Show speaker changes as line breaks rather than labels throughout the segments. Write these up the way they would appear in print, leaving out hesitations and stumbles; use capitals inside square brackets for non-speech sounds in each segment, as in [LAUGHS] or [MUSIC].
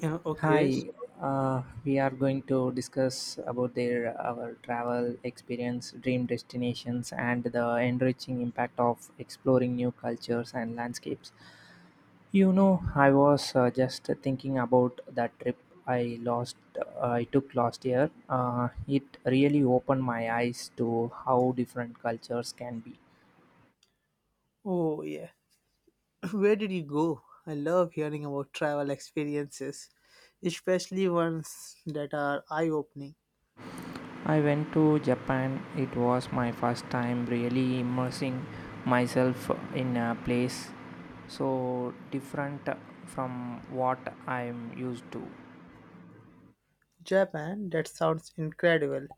Yeah, okay.
Hi,
So,
we are going to discuss about their our travel experience, dream destinations, and the enriching impact of exploring new cultures and landscapes. You know, I was just thinking about that trip I lost I took last year. It really opened my eyes to how different cultures can be.
oh yeah. [LAUGHS] Where did you go? I love hearing about travel experiences, especially ones that are eye-opening.
I went to Japan. It was my first time really immersing myself in a place so different from what I'm used to.
Japan, that sounds incredible.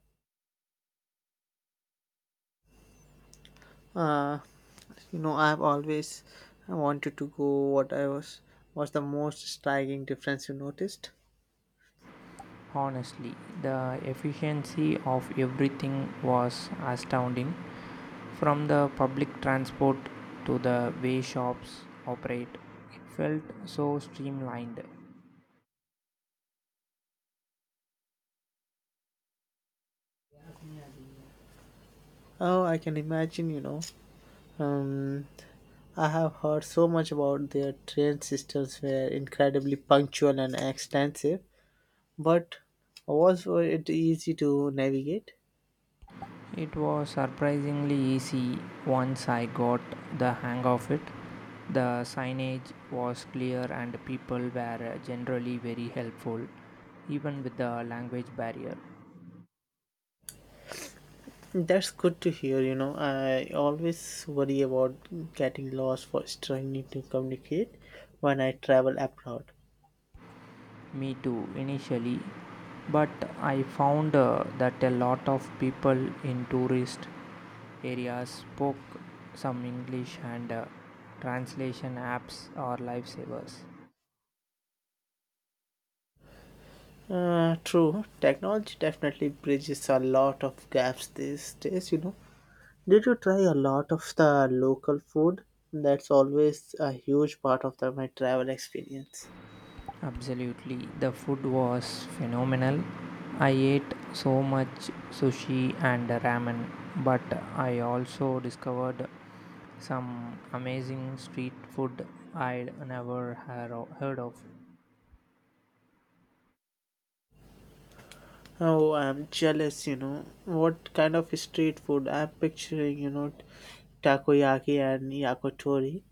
Uh, you know, I've always wanted to go. What I was the most striking difference you noticed?
Honestly, the efficiency of everything was astounding from the public transport to the way shops operate. It felt so streamlined.
Oh, I can imagine. Um, I have heard so much about their train systems were incredibly punctual and extensive. But was it easy to navigate?
It was surprisingly easy once I got the hang of it. The signage was clear and people were generally very helpful, even with the language barrier.
That's good to hear. You know, I always worry about getting lost for trying to communicate when I travel abroad.
Me too, initially. But I found that a lot of people in tourist areas spoke some English and translation apps are lifesavers.
True. Technology definitely bridges a lot of gaps these days, Did you try a lot of the local food? That's always a huge part of my travel experience.
Absolutely. The food was phenomenal. I ate so much sushi and ramen, but I also discovered some amazing street food I'd never heard of.
Oh, I'm jealous, What kind of street food? I'm picturing, takoyaki and yakitori.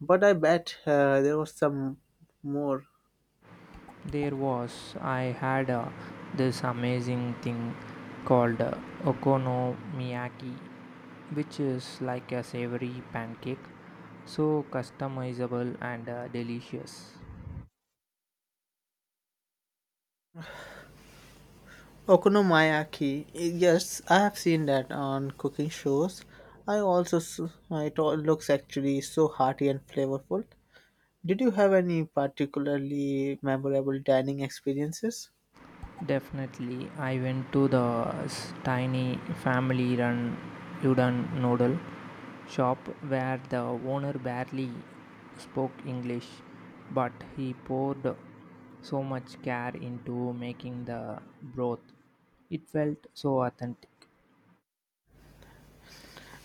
But I bet there was some more.
There was, I had this amazing thing called okonomiyaki, which is like a savory pancake, so customizable and delicious.
Okonomiyaki. Yes, I have seen that on cooking shows. I also s- it all looks actually so hearty and flavorful. Did you have any particularly memorable dining experiences?
Definitely, I went to the tiny family run udon noodle shop where the owner barely spoke English, but he poured so much care into making the broth. It felt so authentic.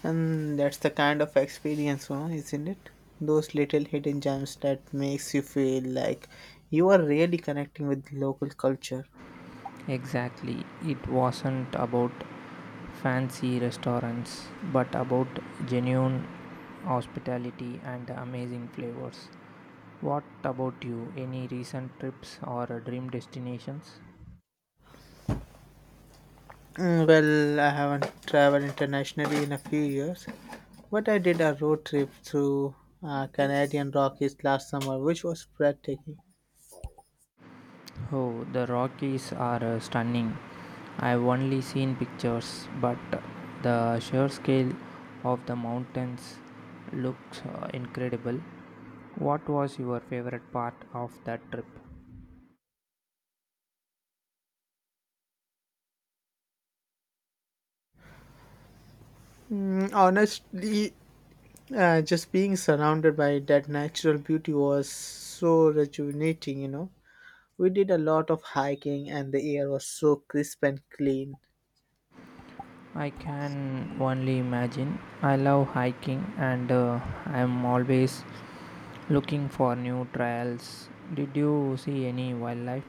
And that's the kind of experience, huh, isn't it? Those little hidden gems that makes you feel like you are really connecting with local culture.
Exactly. It wasn't about fancy restaurants, but about genuine hospitality and amazing flavors. What about you? Any recent trips or dream destinations?
Well, I haven't traveled internationally in a few years, but I did a road trip through Canadian Rockies last summer, which was breathtaking.
Oh, the Rockies are stunning. I've only seen pictures, but the sheer scale of the mountains looks incredible. What was your favorite part of that trip?
Honestly, just being surrounded by that natural beauty was so rejuvenating, We did a lot of hiking and the air was so crisp and clean.
I can only imagine. I love hiking and I'm always looking for new trails. Did you see any wildlife?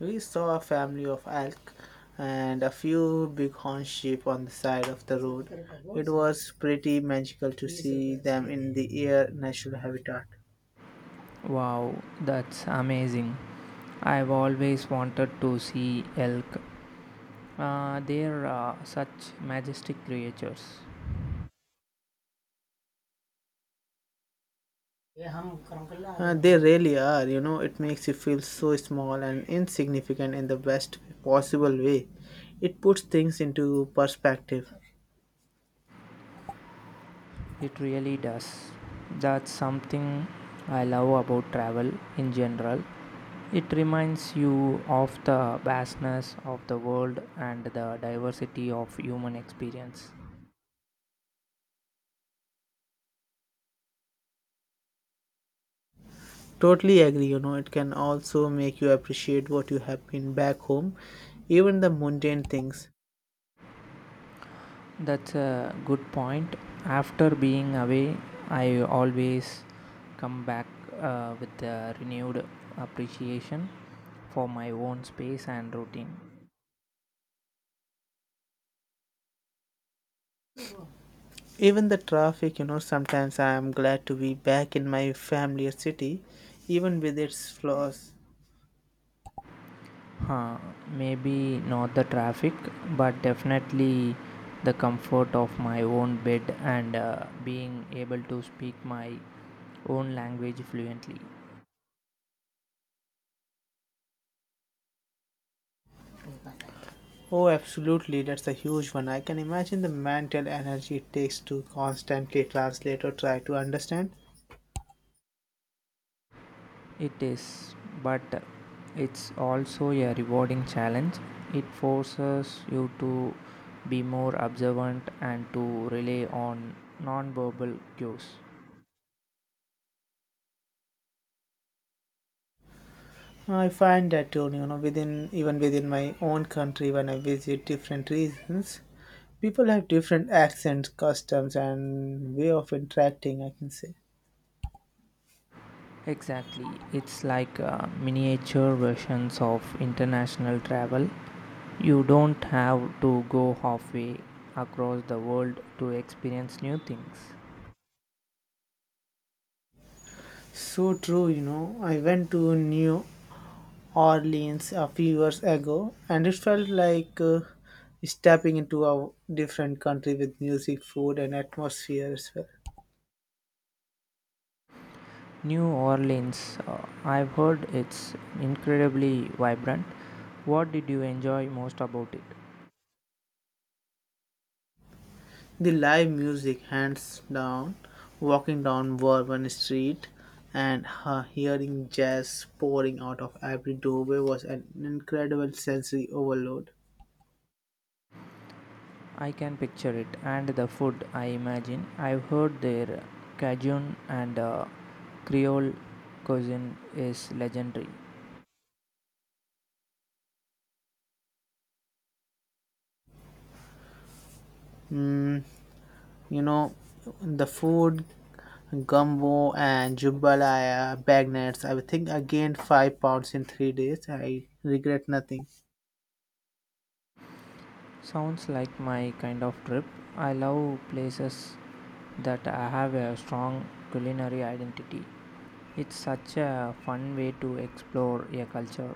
We saw a family of elk and a few bighorn sheep on the side of the road. It was pretty magical to see them in the air natural habitat.
Wow, that's amazing. I've always wanted to see elk. They're such majestic creatures.
They really are, you know, it makes you feel so small and insignificant in the best possible way. It puts things into perspective.
It really does. That's something I love about travel in general. It reminds you of the vastness of the world and the diversity of human experience.
Totally agree, you know, it can also make you appreciate what you have been back home, even the mundane things.
That's a good point. After being away, I always come back with a renewed appreciation for my own space and routine.
Even the traffic, you know, sometimes I am glad to be back in my family or city, even with its flaws.
Huh, maybe not the traffic, but definitely the comfort of my own bed and being able to speak my own language fluently.
Oh, absolutely, that's a huge one. I can imagine the mental energy it takes to constantly translate or try to understand.
It is, but it's also a rewarding challenge. It forces you to be more observant and to rely on non verbal cues.
I find that, too, you know, within even within my own country when I visit different regions. People have different accents, customs, and way of interacting, I can say.
Exactly. It's like miniature versions of international travel. You don't have to go halfway across the world to experience new things.
So true, I went to New Orleans a few years ago, and it felt like stepping into a different country with music, food, and atmosphere as well.
New Orleans, I've heard it's incredibly vibrant. What did you enjoy most about it?
The live music, hands down, walking down Bourbon Street and hearing jazz pouring out of every doorway was an incredible sensory overload.
I can picture it and the food, I imagine. I've heard their Cajun and Creole cuisine is legendary.
Mm, you know, the food, gumbo and jambalaya bagnettes. I think I gained 5 pounds in 3 days. I regret nothing.
Sounds like my kind of trip. I love places that have a strong culinary identity. It's such a fun way to explore a culture.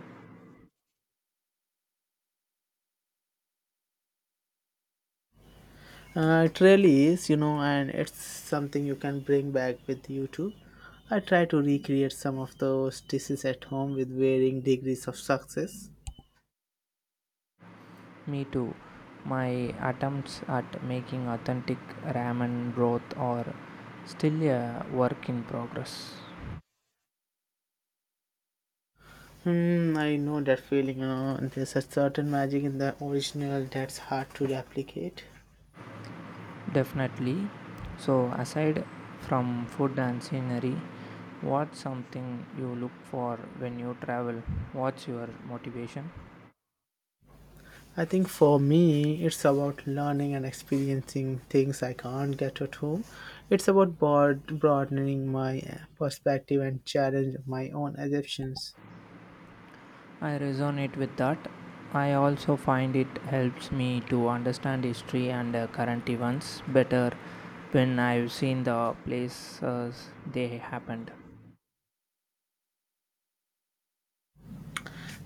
It really is, you know, and it's something you can bring back with you too. I try to recreate some of those dishes at home with varying degrees of success.
Me too. My attempts at making authentic ramen broth are still a work in progress.
Hmm, I know that feeling, you know, there's a certain magic in the original that's hard to replicate.
Definitely. So, aside from food and scenery, what's something you look for when you travel? What's your motivation?
I think for me, it's about learning and experiencing things I can't get at home. It's about broadening my perspective and challenge my own assumptions.
I resonate with that. I also find it helps me to understand history and current events better when I've seen the places they happened.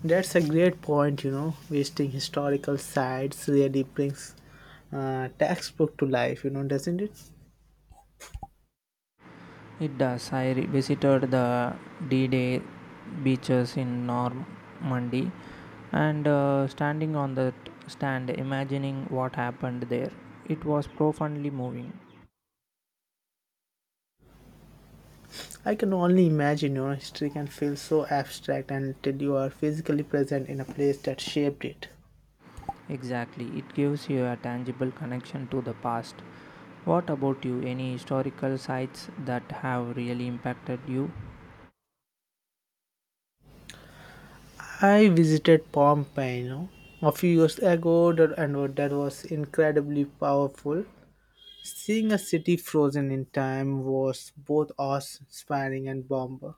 That's a great point, you know. Visiting historical sites really brings textbook to life, you know, doesn't it?
It does. Visited the D-Day beaches in Normandy and standing on the stand, imagining what happened there. It was profoundly moving.
I can only imagine, you know, history can feel so abstract until you are physically present in a place that shaped it.
Exactly, it gives you a tangible connection to the past. What about you? Any historical sites that have really impacted you?
I visited Pompeii, you know, a few years ago, and that was incredibly powerful. Seeing a city frozen in time was both awe-inspiring and bomber.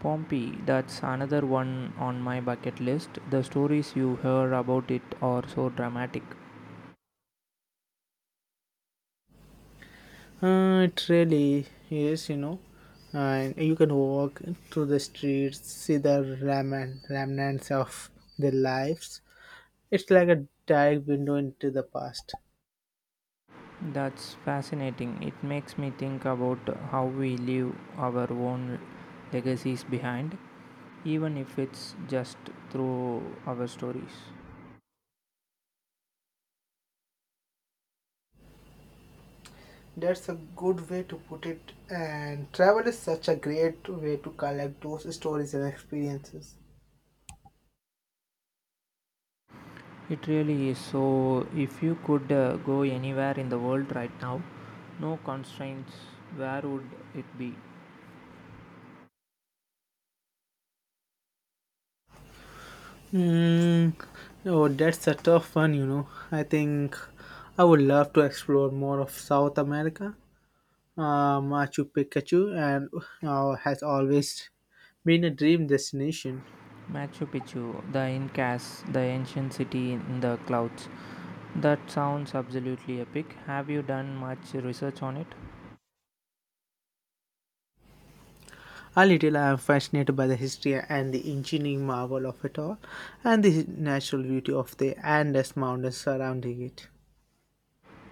Pompeii, that's another one on my bucket list. The stories you hear about it are so dramatic.
It really is, you know. And you can walk through the streets, see the ramen, remnants of their lives. It's like a direct window into the past.
That's fascinating. It makes me think about how we leave our own legacies behind, even if it's just through our stories.
That's a good way to put it, and travel is such a great way to collect those stories and experiences.
It really is. So, if you could go anywhere in the world right now, no constraints, where would it be?
Mm, oh, that's a tough one, you know. I think I would love to explore more of South America. Machu Picchu and has always been a dream destination.
Machu Picchu, the Incas, the ancient city in the clouds. That sounds absolutely epic. Have you done much research on it?
A little. I am fascinated by the history and the engineering marvel of it all, and the natural beauty of the Andes Mountains surrounding it.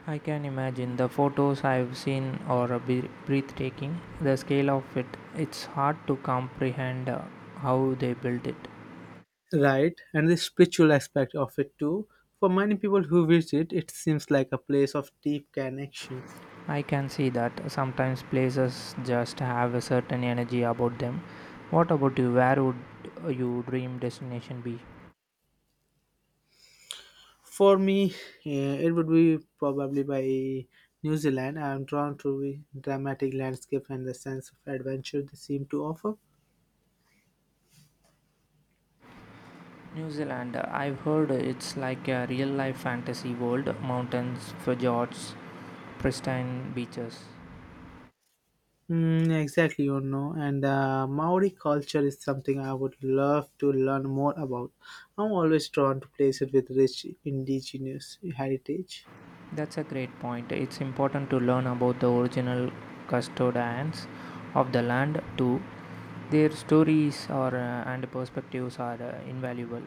I can imagine the photos I've seen are a bit breathtaking. The scale of it, it's hard to comprehend how they built it.
Right, and the spiritual aspect of it too. For many people who visit, it seems like a place of deep connections.
I can see that sometimes places just have a certain energy about them. What about you? Where would your dream destination be?
For me, it would be probably by New Zealand. I am drawn to the dramatic landscape and the sense of adventure they seem to offer.
New Zealand. I've heard it's like a real life fantasy world. Mountains, fjords, pristine beaches.
Exactly, you know, and Maori culture is something I would love to learn more about. I'm always drawn to places with rich indigenous heritage.
That's a great point. It's important to learn about the original custodians of the land too. Their stories are and perspectives are invaluable.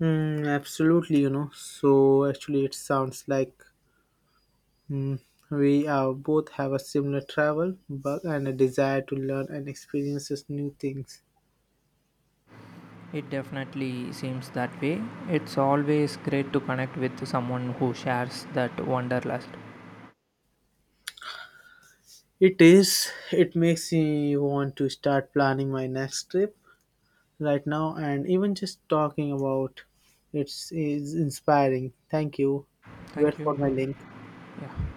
Absolutely, So actually, it sounds like mm, we both have a similar travel bug and a desire to learn and experience new things.
It definitely seems that way. It's always great to connect with someone who shares that wanderlust.
It is. It makes me want to start planning my next trip right now, and even just talking about it is inspiring. Thank you.
Thank
Wait
you.
for my link.
Yeah.